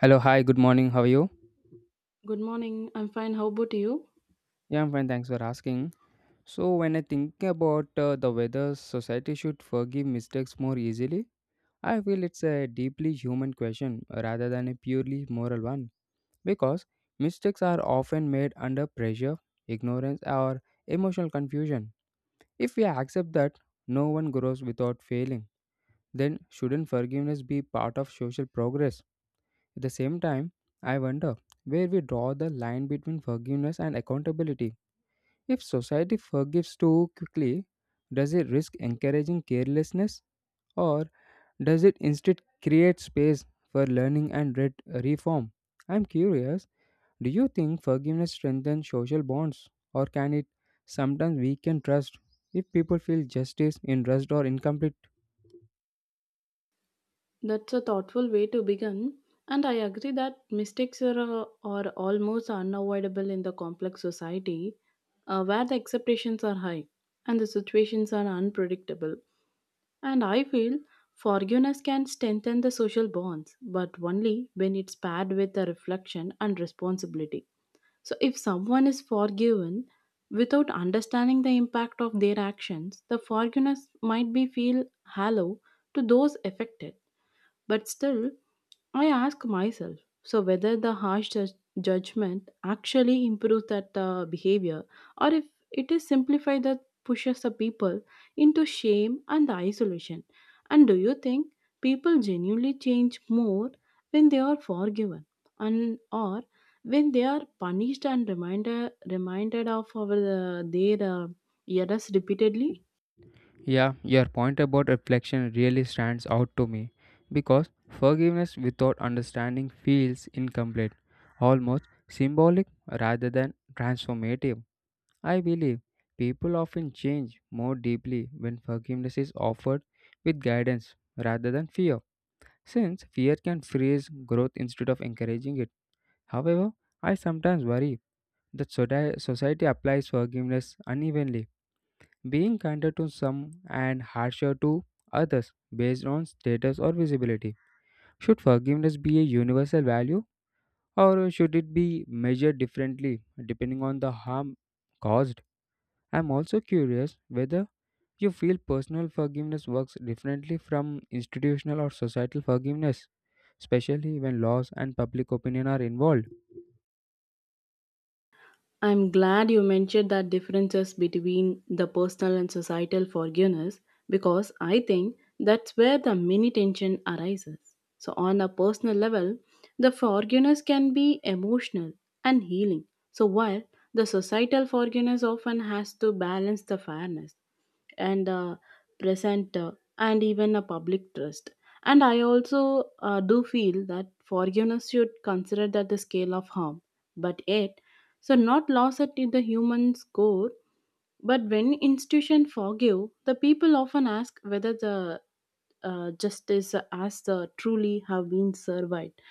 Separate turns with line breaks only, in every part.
Hello, hi, good morning. How are you?
Good morning. I'm fine. How about you?
Yeah, I'm fine. Thanks for asking. So, when I think about the whether society should forgive mistakes more easily, I feel it's a deeply human question rather than a purely moral one because mistakes are often made under pressure, ignorance, or emotional confusion. If we accept that no one grows without failing, then shouldn't forgiveness be part of social progress? At the same time, I wonder where we draw the line between forgiveness and accountability. If society forgives too quickly, does it risk encouraging carelessness or does it instead create space for learning and reform? I'm curious, do you think forgiveness strengthens social bonds or can it sometimes weaken trust if people feel justice in rushed or incomplete?
That's a thoughtful way to begin. And I agree that mistakes are almost unavoidable in the complex society where the expectations are high and the situations are unpredictable. And I feel forgiveness can strengthen the social bonds, but only when it's paired with a reflection and responsibility. So, if someone is forgiven without understanding the impact of their actions, the forgiveness might be feel hollow to those affected. But still, I ask myself, so whether the judgment actually improves that behavior, or if it is simplified that pushes the people into shame and isolation. And do you think people genuinely change more when they are forgiven, and or when they are punished and reminded of our, their errors repeatedly?
Yeah, your point about reflection really stands out to me because forgiveness without understanding feels incomplete, almost symbolic rather than transformative. I believe people often change more deeply when forgiveness is offered with guidance rather than fear, since fear can freeze growth instead of encouraging it. However, I sometimes worry that society applies forgiveness unevenly, being kinder to some and harsher to others based on status or visibility. Should forgiveness be a universal value or should it be measured differently depending on the harm caused? I'm also curious whether you feel personal forgiveness works differently from institutional or societal forgiveness, especially when laws and public opinion are involved.
I'm glad you mentioned that differences between the personal and societal forgiveness, because I think that's where the mini tension arises. So, on a personal level, the forgiveness can be emotional and healing. So, while the societal forgiveness often has to balance the fairness and present and even a public trust. And I also do feel that forgiveness should consider that the scale of harm, but yet so not lost at the human's core, but when institution forgive, the people often ask whether the justice as the truly have been survived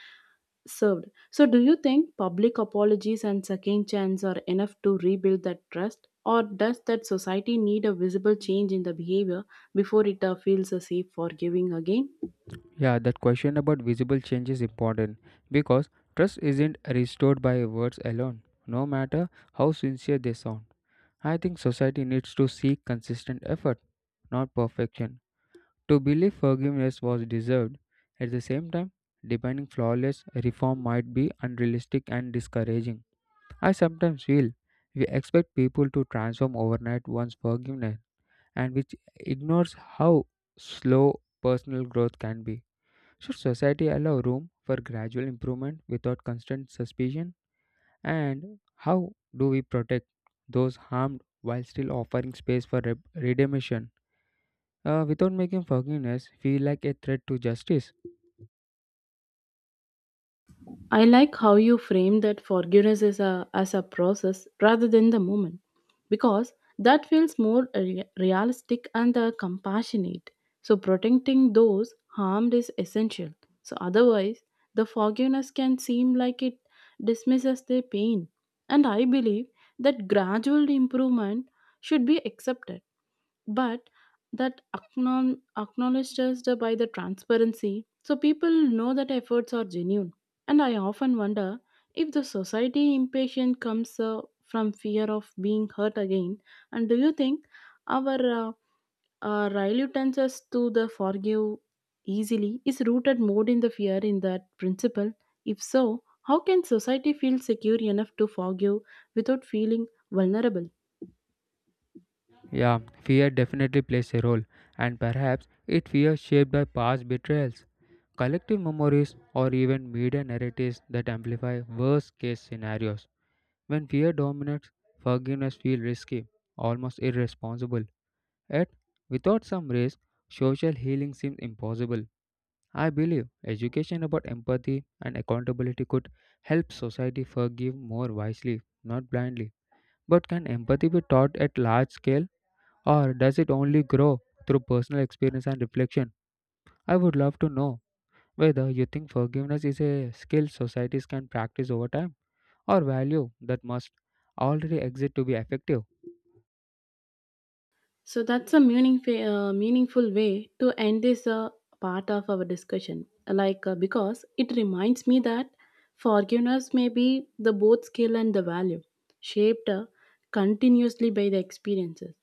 served. So do you think public apologies and second chance are enough to rebuild that trust? Or does that society need a visible change in the behavior before it feels safe for giving again?
Yeah, that question about visible change is important because trust isn't restored by words alone, no matter how sincere they sound. I think society needs to seek consistent effort, not perfection. To believe forgiveness was deserved, at the same time, demanding flawless reform might be unrealistic and discouraging. I sometimes feel we expect people to transform overnight once forgiveness, and which ignores how slow personal growth can be. Should society allow room for gradual improvement without constant suspicion? And how do we protect those harmed while still offering space for redemption without making forgiveness feel like a threat to justice?
I like how you frame that forgiveness as a process rather than the moment, because that feels more realistic and compassionate. So, protecting those harmed is essential. So, otherwise, the forgiveness can seem like it dismisses their pain. And I believe that gradual improvement should be accepted, but that acknowledged us the- by the transparency so people know that efforts are genuine. And I often wonder if the society impatience comes from fear of being hurt again. And do you think our reluctance to the forgive easily is rooted more in the fear in that principle? If so, how can society feel secure enough to forgive without feeling vulnerable?
Yeah, fear definitely plays a role, and perhaps it fear shaped by past betrayals, collective memories, or even media narratives that amplify worst case scenarios. When fear dominates, forgiveness feels risky, almost irresponsible. Yet, without some risk, social healing seems impossible. I believe education about empathy and accountability could help society forgive more wisely, not blindly. But can empathy be taught at large scale, or does it only grow through personal experience and reflection? I would love to know whether you think forgiveness is a skill societies can practice over time, or value that must already exist to be effective.
So that's a meaningful way to end this part of our discussion. Like because it reminds me that forgiveness may be the both skill and the value shaped continuously by the experiences.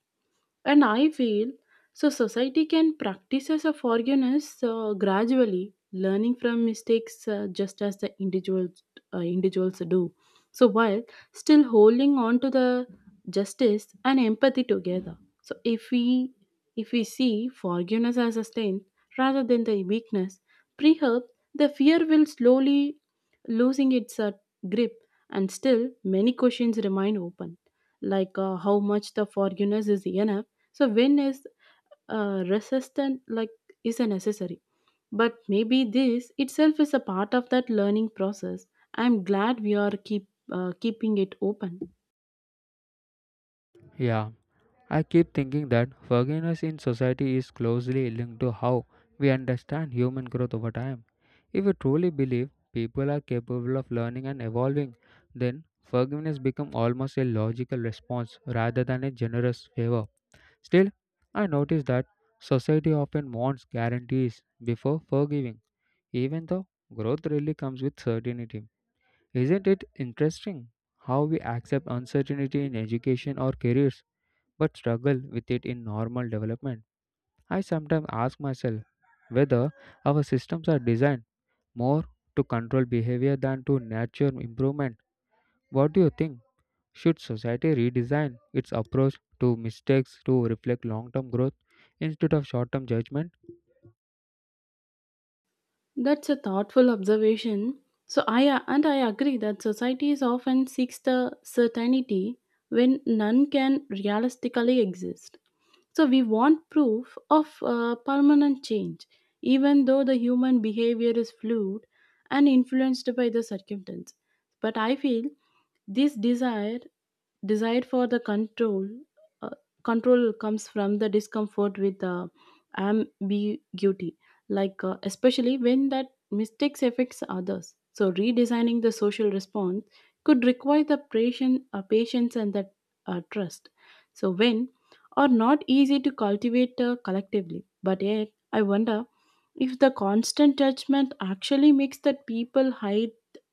And I feel so society can practice as a forgiveness gradually, learning from mistakes just as the individuals do. So while still holding on to the justice and empathy together. So if we see forgiveness as a strength rather than the weakness, perhaps the fear will slowly losing its grip, and still many questions remain open, like how much the forgiveness is enough, so when is resistant like is a necessary, but maybe this itself is a part of that learning process. I'm glad we are keeping it open.
Yeah, I keep thinking that forgiveness in society is closely linked to how we understand human growth over time. If we truly believe people are capable of learning and evolving, then forgiveness becomes almost a logical response rather than a generous favor. Still, I notice that society often wants guarantees before forgiving, even though growth really comes with certainty. Isn't it interesting how we accept uncertainty in education or careers, but struggle with it in normal development? I sometimes ask myself whether our systems are designed more to control behavior than to nurture improvement. What do you think? Should society redesign its approach to mistakes to reflect long term growth instead of short term judgment?
That's a thoughtful observation. So I and I agree that societies often seeks the certainty when none can realistically exist. So we want proof of permanent change, even though the human behavior is fluid and influenced by the circumstance. But I feel this desire for the uh, control comes from the discomfort with ambiguity, like especially when that mistakes affects others. So redesigning the social response could require the patience and that trust, so when are not easy to cultivate collectively. But yet I wonder if the constant judgment actually makes that people hide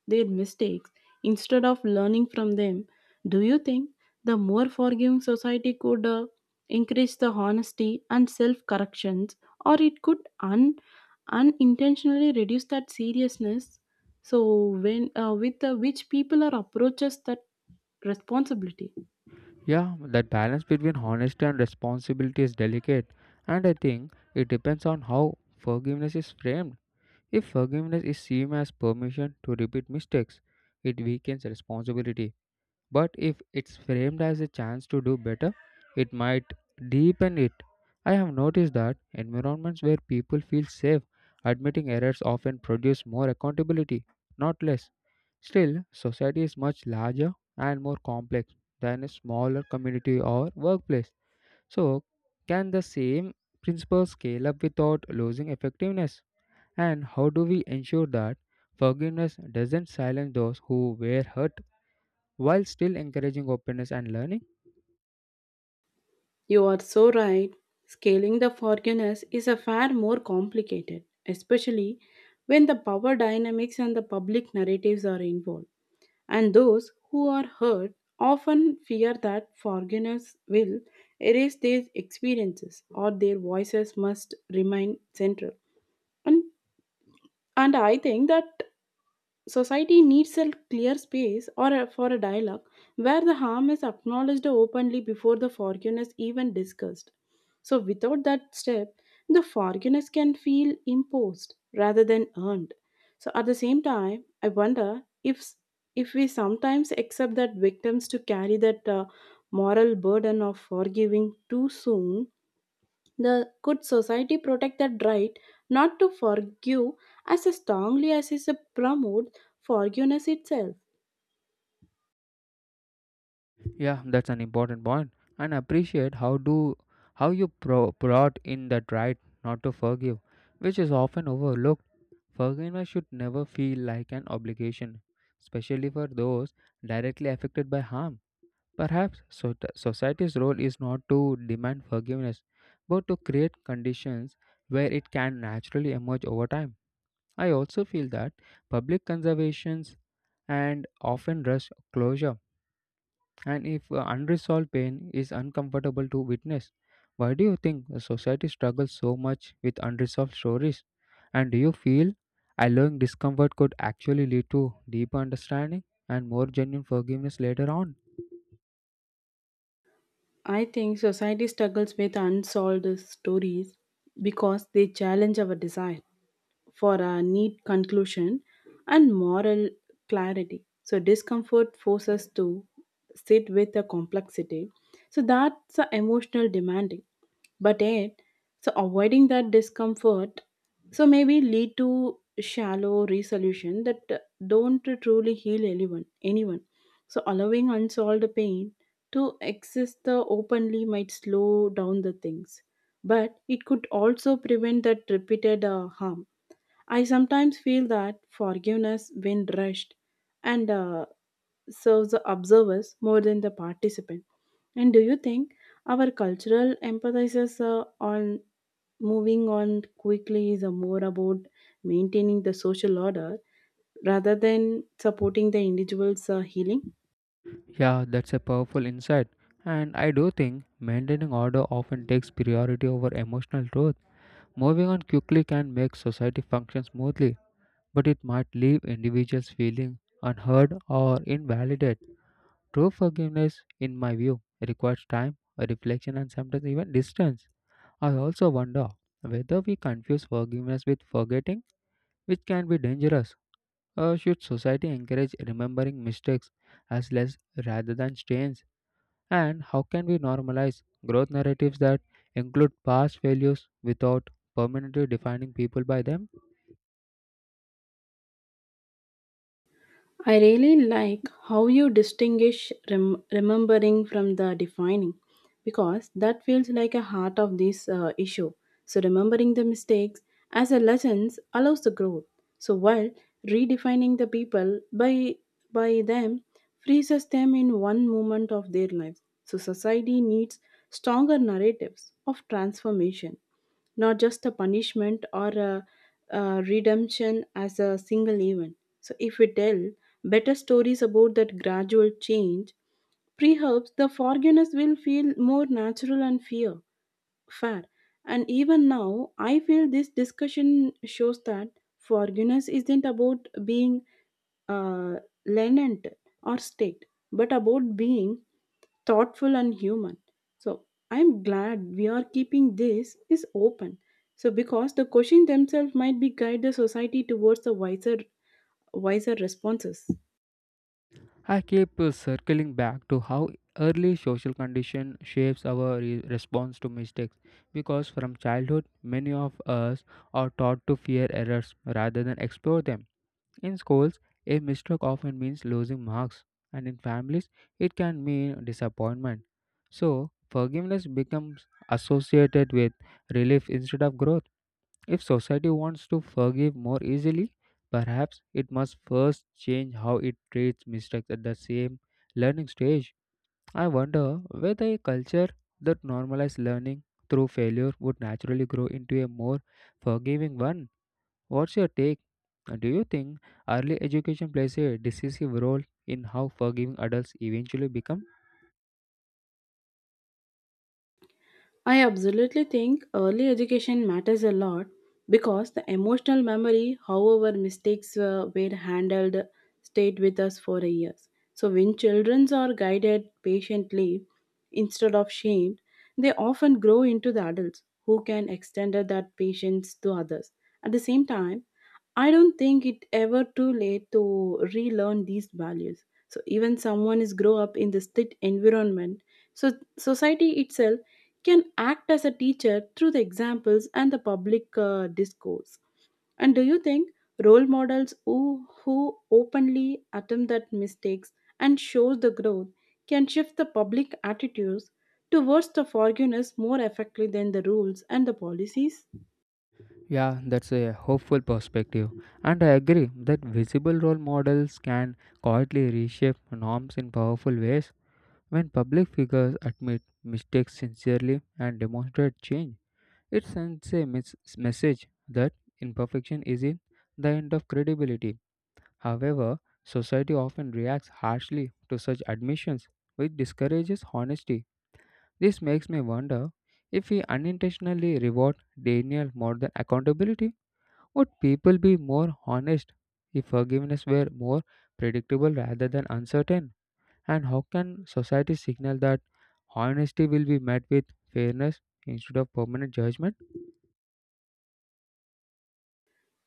their mistakes instead of learning from them. Do you think the more forgiving society could increase the honesty and self corrections, or it could unintentionally reduce that seriousness, so when with which people are approaches that responsibility?
Yeah, that balance between honesty and responsibility is delicate, and I think it depends on how forgiveness is framed. If forgiveness is seen as permission to repeat mistakes, it weakens responsibility. But if it's framed as a chance to do better, it might deepen it. I have noticed that environments where people feel safe admitting errors often produce more accountability, not less. Still, society is much larger and more complex than a smaller community or workplace. So, can the same principles scale up without losing effectiveness? And how do we ensure that forgiveness doesn't silence those who were hurt, while still encouraging openness and learning?
You are so right. Scaling the forgiveness is a far more complicated, especially when the power dynamics and the public narratives are involved. And those who are hurt often fear that forgiveness will erase their experiences, or their voices must remain central. And, and I think that society needs a clear space or for a dialogue where the harm is acknowledged openly before the forgiveness even discussed. So without that step, the forgiveness can feel imposed rather than earned. So at the same time, I wonder if we sometimes accept that victims to carry that moral burden of forgiving too soon, the good society protect that right not to forgive as strongly as is promote forgiveness itself.
Yeah, that's an important point. And appreciate how you brought in that right not to forgive, which is often overlooked. Forgiveness should never feel like an obligation, especially for those directly affected by harm. Perhaps society's role is not to demand forgiveness, but to create conditions where it can naturally emerge over time. I also feel that public conservations and often rush closure. And if unresolved pain is uncomfortable to witness, why do you think a society struggles so much with unresolved stories? And do you feel allowing discomfort could actually lead to deeper understanding and more genuine forgiveness later on?
I think society struggles with unsolved stories because they challenge our desire for a neat conclusion and moral clarity. So, discomfort forces us to sit with the complexity. So, that's a emotional demanding, but yet so avoiding that discomfort, so maybe lead to shallow resolution that don't truly heal anyone. So allowing unsolved pain to exist openly might slow down the things, but it could also prevent that repeated harm. I sometimes feel that forgiveness, when rushed, and serves the observers more than the participant. And do you think our cultural emphasizes on moving on quickly is more about maintaining the social order rather than supporting the individual's healing?
Yeah, that's a powerful insight. And I do think maintaining order often takes priority over emotional truth. Moving on quickly can make society function smoothly, but it might leave individuals feeling unheard or invalidated. True forgiveness, in my view, requires time, reflection, and sometimes even distance. I also wonder whether we confuse forgiveness with forgetting, which can be dangerous. Or should society encourage remembering mistakes as less rather than stains? And how can we normalize growth narratives that include past failures without permanently defining people by them?
I really like how you distinguish remembering from the defining, because that feels like a heart of this issue. So, remembering the mistakes as a lessons allows the growth. So, while redefining the by them freezes them in one moment of their lives. So, society needs stronger narratives of transformation, not just a punishment or a redemption as a single event. So, if we tell better stories about that gradual change, perhaps the forgiveness will feel more natural and fair. And even now, I feel this discussion shows that forgiveness isn't about being uh, lenient or strict, but about being thoughtful and human. So I'm glad we are keeping this is open. So because the questions themselves might be guide the society towards the wiser responses.
I keep circling back to how early social condition shapes our response to mistakes because from childhood many of us are taught to fear errors rather than explore them. In schools, a mistake often means losing marks, and in families, it can mean disappointment. So, forgiveness becomes associated with relief instead of growth. If society wants to forgive more easily, perhaps it must first change how it treats mistakes at the same learning stage. I wonder whether a culture that normalizes learning through failure would naturally grow into a more forgiving one. What's your take? Do you think early education plays a decisive role in how forgiving adults eventually become?
I absolutely think early education matters a lot, because the emotional memory, however mistakes were handled, stayed with us for years. So when children are guided patiently instead of shamed, they often grow into the adults who can extend that patience to others. At the same time, I don't think it ever too late to relearn these values. So even someone is grow up in this strict environment, so society itself can act as a teacher through the examples and the public discourse. And do you think role models who openly attempt that mistakes and shows the growth can shift the public attitudes towards the forgiveness more effectively than the rules and the policies?
Yeah, that's a hopeful perspective. And I agree that visible role models can quietly reshape norms in powerful ways. When public figures admit mistakes sincerely and demonstrate change, it sends a message that imperfection isn't the end of credibility. However, society often reacts harshly to such admissions, which discourages honesty. This makes me wonder if we unintentionally reward denial more than accountability. Would people be more honest if forgiveness were more predictable rather than uncertain? And how can society signal that honesty will be met with fairness instead of permanent judgment?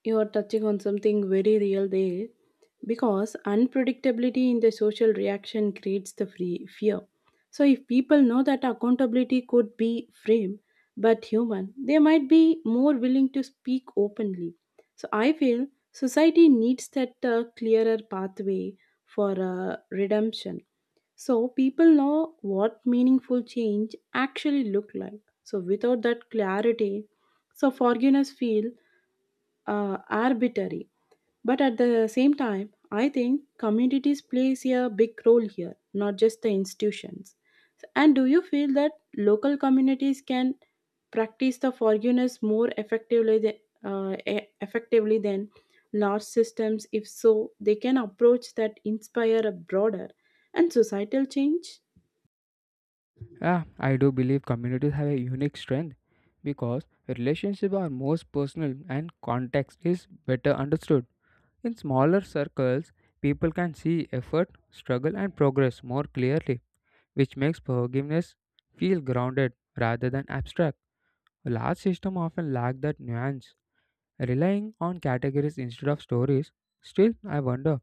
You are touching on something very real there, because unpredictability in the social reaction creates the free fear. So, if people know that accountability could be framed but human, they might be more willing to speak openly. So, I feel society needs that clearer pathway for redemption. So, people know what meaningful change actually look like. So, without that clarity, so forgiveness feel arbitrary. But at the same time, I think communities plays a big role here, not just the institutions. And do you feel that local communities can practice the forgiveness more effectively than large systems? If so, they can approach that inspire a broader and societal change.
Yeah, I do believe communities have a unique strength because relationships are most personal and context is better understood. In smaller circles, people can see effort, struggle, and progress more clearly, which makes forgiveness feel grounded rather than abstract. Large systems often lack that nuance, relying on categories instead of stories. Still, I wonder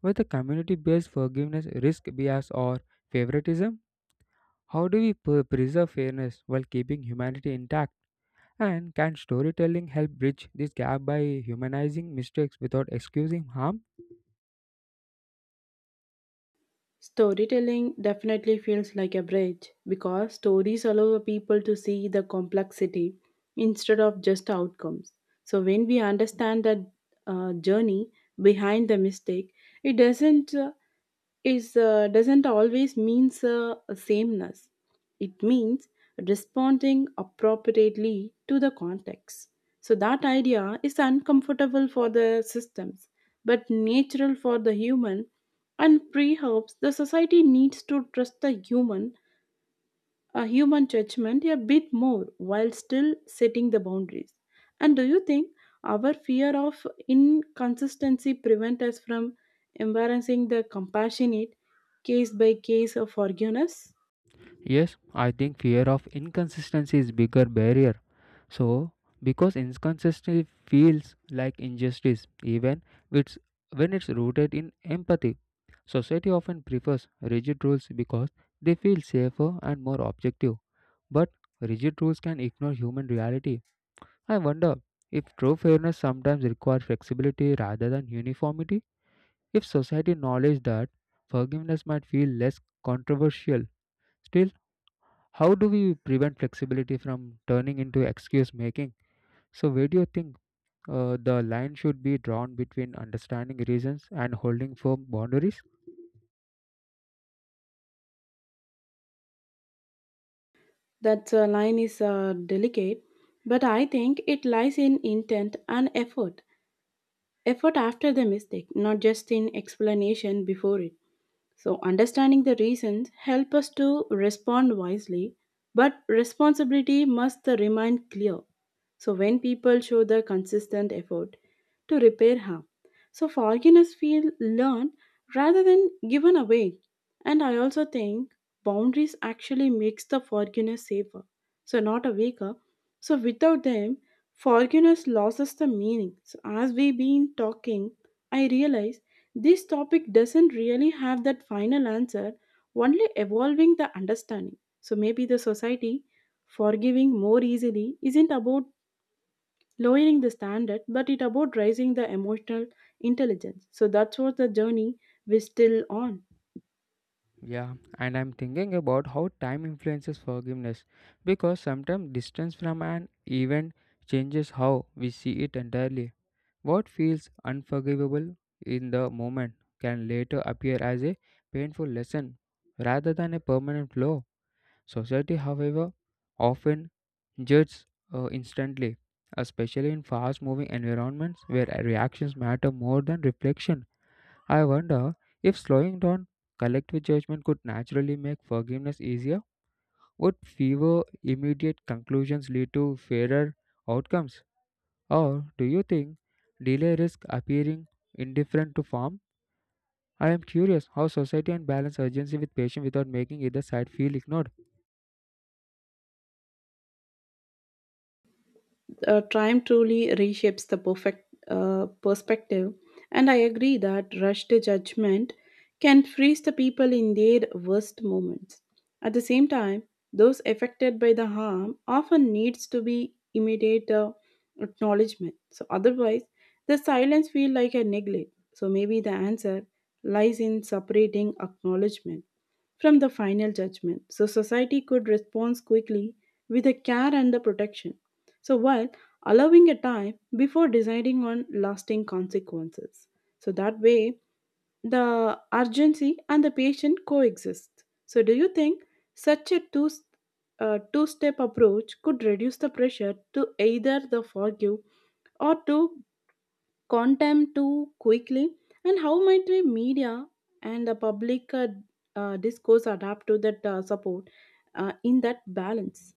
whether community based forgiveness risk bias or favoritism. How do we preserve fairness while keeping humanity intact? And can storytelling help bridge this gap by humanizing mistakes without excusing harm?
Storytelling definitely feels like a bridge, because stories allow the people to see the complexity instead of just outcomes. So, when we understand the journey behind the mistake, it doesn't always means sameness. It means responding appropriately to the context. So that idea is uncomfortable for the systems, but natural for the human, and perhaps the society needs to trust the human judgment a bit more while still setting the boundaries. And do you think our fear of inconsistency prevent us from embarrassing the compassionate case by case of forgiveness?
Yes, I think fear of inconsistency is bigger barrier. So because inconsistency feels like injustice, even it's, when it's rooted in empathy. Society often prefers rigid rules because they feel safer and more objective. But rigid rules can ignore human reality. I wonder if true fairness sometimes requires flexibility rather than uniformity. If society acknowledged that, forgiveness might feel less controversial. Still, how do we prevent flexibility from turning into excuse making? So, where do you think the line should be drawn between understanding reasons and holding firm boundaries?
That line is delicate, but I think it lies in intent and effort after the mistake, not just in explanation before it. So, understanding the reasons help us to respond wisely, but responsibility must remain clear. So when people show the consistent effort to repair harm, so forgiveness feel learned rather than given away. And I also think boundaries actually makes the forgiveness safer. So not a weaker. So without them, forgiveness loses the meaning. So as we've been talking, I realize this topic doesn't really have that final answer, only evolving the understanding. So maybe the society forgiving more easily isn't about lowering the standard, but it about raising the emotional intelligence. So that's what the journey we're still on.
Yeah, and I'm thinking about how time influences forgiveness because sometimes distance from an event changes how we see it entirely. What feels unforgivable in the moment can later appear as a painful lesson rather than a permanent flaw. Society, however, often judged instantly, especially in fast moving environments where reactions matter more than reflection. I wonder if slowing down collective judgment could naturally make forgiveness easier. Would fewer immediate conclusions lead to fairer outcomes? Or do you think delay risk appearing indifferent to form? I am curious how society can balance urgency with patience without making either side feel ignored.
Time truly reshapes the perfect perspective, and I agree that rushed judgment can freeze the people in their worst moments. At the same time, those affected by the harm often needs to be immediate acknowledgement. So otherwise, the silence feel like a neglect. So maybe the answer lies in separating acknowledgement from the final judgment. So society could respond quickly with the care and the protection. So while allowing a time before deciding on lasting consequences. So that way the urgency and the patient coexist. So do you think such a two step approach could reduce the pressure to either the forgive or to contempt too quickly, and how might the media and the public discourse adapt to that support in that balance.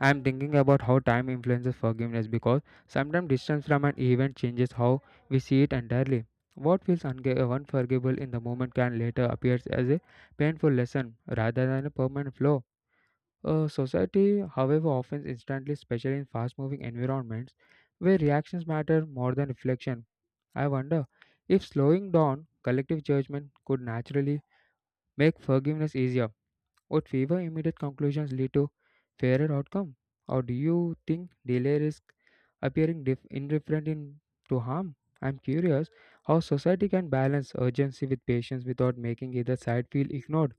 I'm thinking about how time influences forgiveness because sometimes distance from an event changes how we see it entirely. What feels unforgivable in the moment can later appear as a painful lesson rather than a permanent flaw. A society, however, often instantly, especially in fast moving environments where reactions matter more than reflection. I wonder if slowing down collective judgment could naturally make forgiveness easier. Would favor immediate conclusions lead to fairer outcome, or do you think delay risk appearing indifferent to harm? I'm curious how society can balance urgency with patience without making either side feel ignored.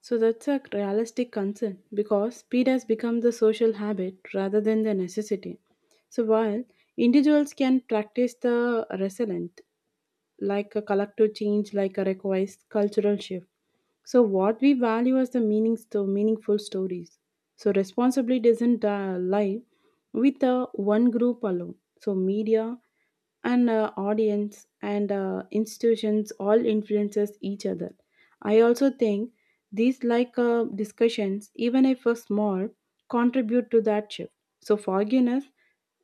So that's a realistic concern because speed has become the social habit rather than the necessity. So while individuals can practice the resilient like a collective change like a requires cultural shift. So what we value as the meaningful stories. So responsibility doesn't lie with one group alone. So media and audience and institutions all influences each other. I also think these like discussions, even if a small, contribute to that shift. So forgiveness,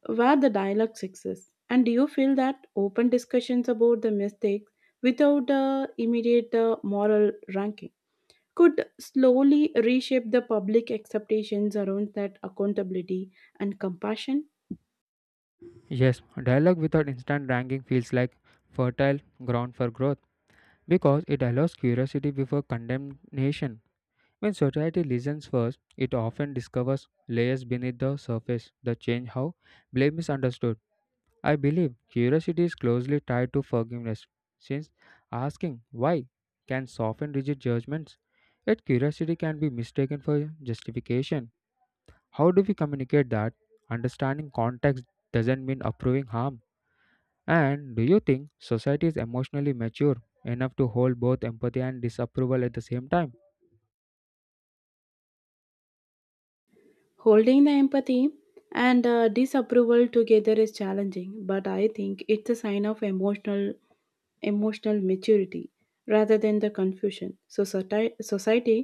where the dialogue exists. And do you feel that open discussions about the mistakes without immediate moral ranking could slowly reshape the public expectations around that accountability and compassion?
Yes, dialogue without instant ranking feels like fertile ground for growth because it allows curiosity before condemnation. When society listens first, it often discovers layers beneath the surface that change how blame is understood. I believe curiosity is closely tied to forgiveness, since asking why can soften rigid judgments, yet curiosity can be mistaken for justification. How do we communicate that understanding context doesn't mean approving harm? And do you think society is emotionally mature enough to hold both empathy and disapproval at the same time?
Holding the empathy and disapproval together is challenging, but I think it's a sign of emotional maturity rather than the confusion. So society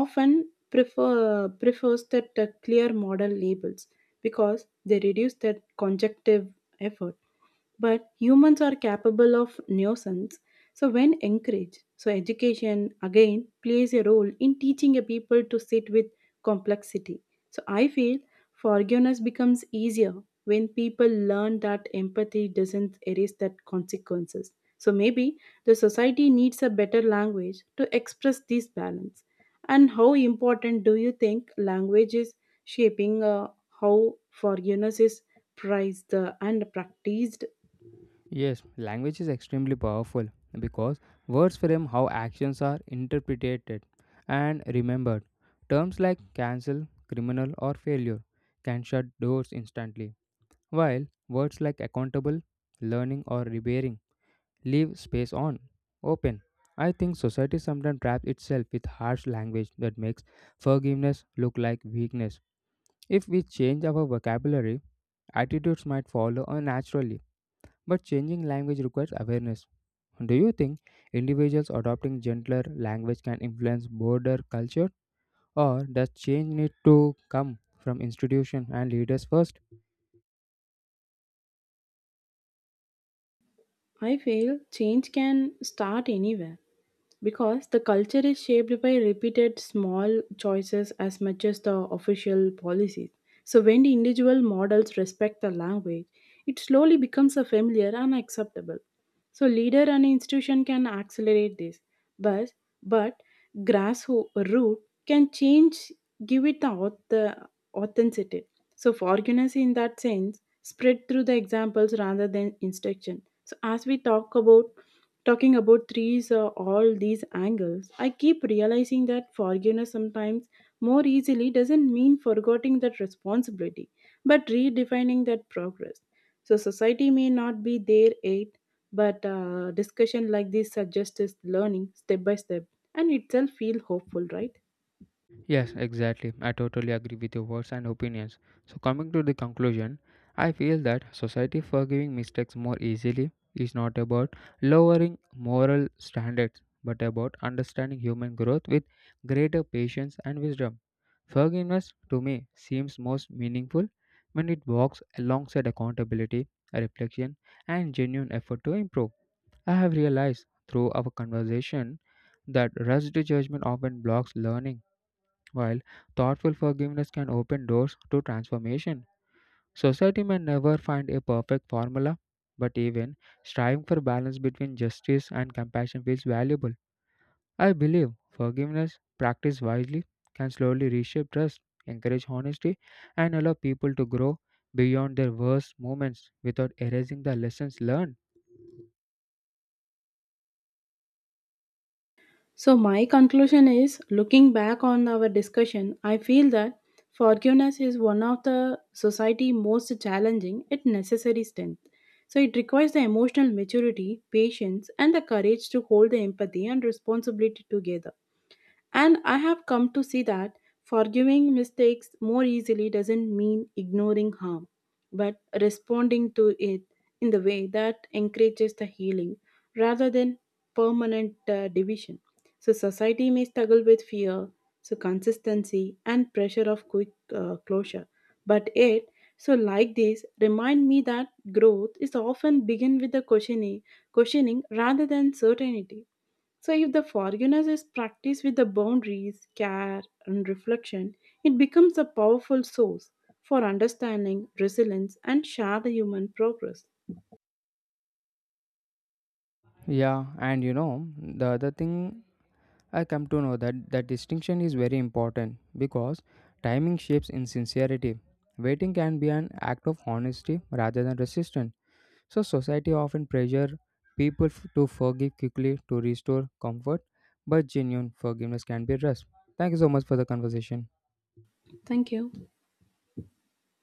often prefers that clear model labels because they reduce that conjunctive effort. But humans are capable of nuisance, so when encouraged, so education again plays a role in teaching a people to sit with complexity. So I feel forgiveness becomes easier when people learn that empathy doesn't erase that consequences. So maybe the society needs a better language to express this balance. And how important do you think language is shaping how forgiveness is prized and practiced?
Yes, language is extremely powerful because words frame how actions are interpreted and remembered. Terms like cancel, criminal, or failure can shut doors instantly, while words like accountable, learning, or repairing leave space on open. I think society sometimes traps itself with harsh language that makes forgiveness look like weakness. If we change our vocabulary, attitudes might follow unnaturally, but changing language requires awareness. Do you think individuals adopting gentler language can influence broader culture, or does change need to come from institutions and leaders first?
I feel change can start anywhere because the culture is shaped by repeated small choices as much as the official policies. So, when the individual models respect the language, it slowly becomes a familiar and acceptable. So, leader and institution can accelerate this, but but grassroots can change, give it the authenticity. So, forgiveness in that sense spread through the examples rather than instruction. So, as we talk about talking about trees or all these angles, I keep realizing that forgiveness sometimes more easily doesn't mean forgetting that responsibility, but redefining that progress. So society may not be there yet, but discussion like this suggests learning step by step, and itself feel hopeful, right?
Yes, exactly. I totally agree with your words and opinions. So, coming to the conclusion, I feel that society forgiving mistakes more easily is not about lowering moral standards but about understanding human growth with greater patience and wisdom. Forgiveness to me seems most meaningful when it walks alongside accountability, reflection, and genuine effort to improve. I have realized through our conversation that rushed judgment often blocks learning, while thoughtful forgiveness can open doors to transformation. Society may never find a perfect formula, but even striving for balance between justice and compassion feels valuable. I believe forgiveness, practiced wisely, can slowly reshape trust, encourage honesty, and allow people to grow beyond their worst moments without erasing the lessons learned.
So, my conclusion is, looking back on our discussion, I feel that forgiveness is one of the society most challenging yet necessary strength. So, it requires the emotional maturity, patience, and the courage to hold the empathy and responsibility together. And I have come to see that forgiving mistakes more easily doesn't mean ignoring harm, but responding to it in the way that encourages the healing rather than permanent division. So, society may struggle with fear, so consistency, and pressure of quick closure. But it, so like this, remind me that growth is often begin with the questioning rather than certainty. So, if the forgiveness is practiced with the boundaries, care, and reflection, it becomes a powerful source for understanding, resilience, and shared human progress.
Yeah, and you know, the other thing I come to know that that distinction is very important because timing shapes insincerity. Waiting can be an act of honesty rather than resistance. So society often pressure people to forgive quickly to restore comfort, but genuine forgiveness can be rest. Thank you so much for the conversation.
Thank you.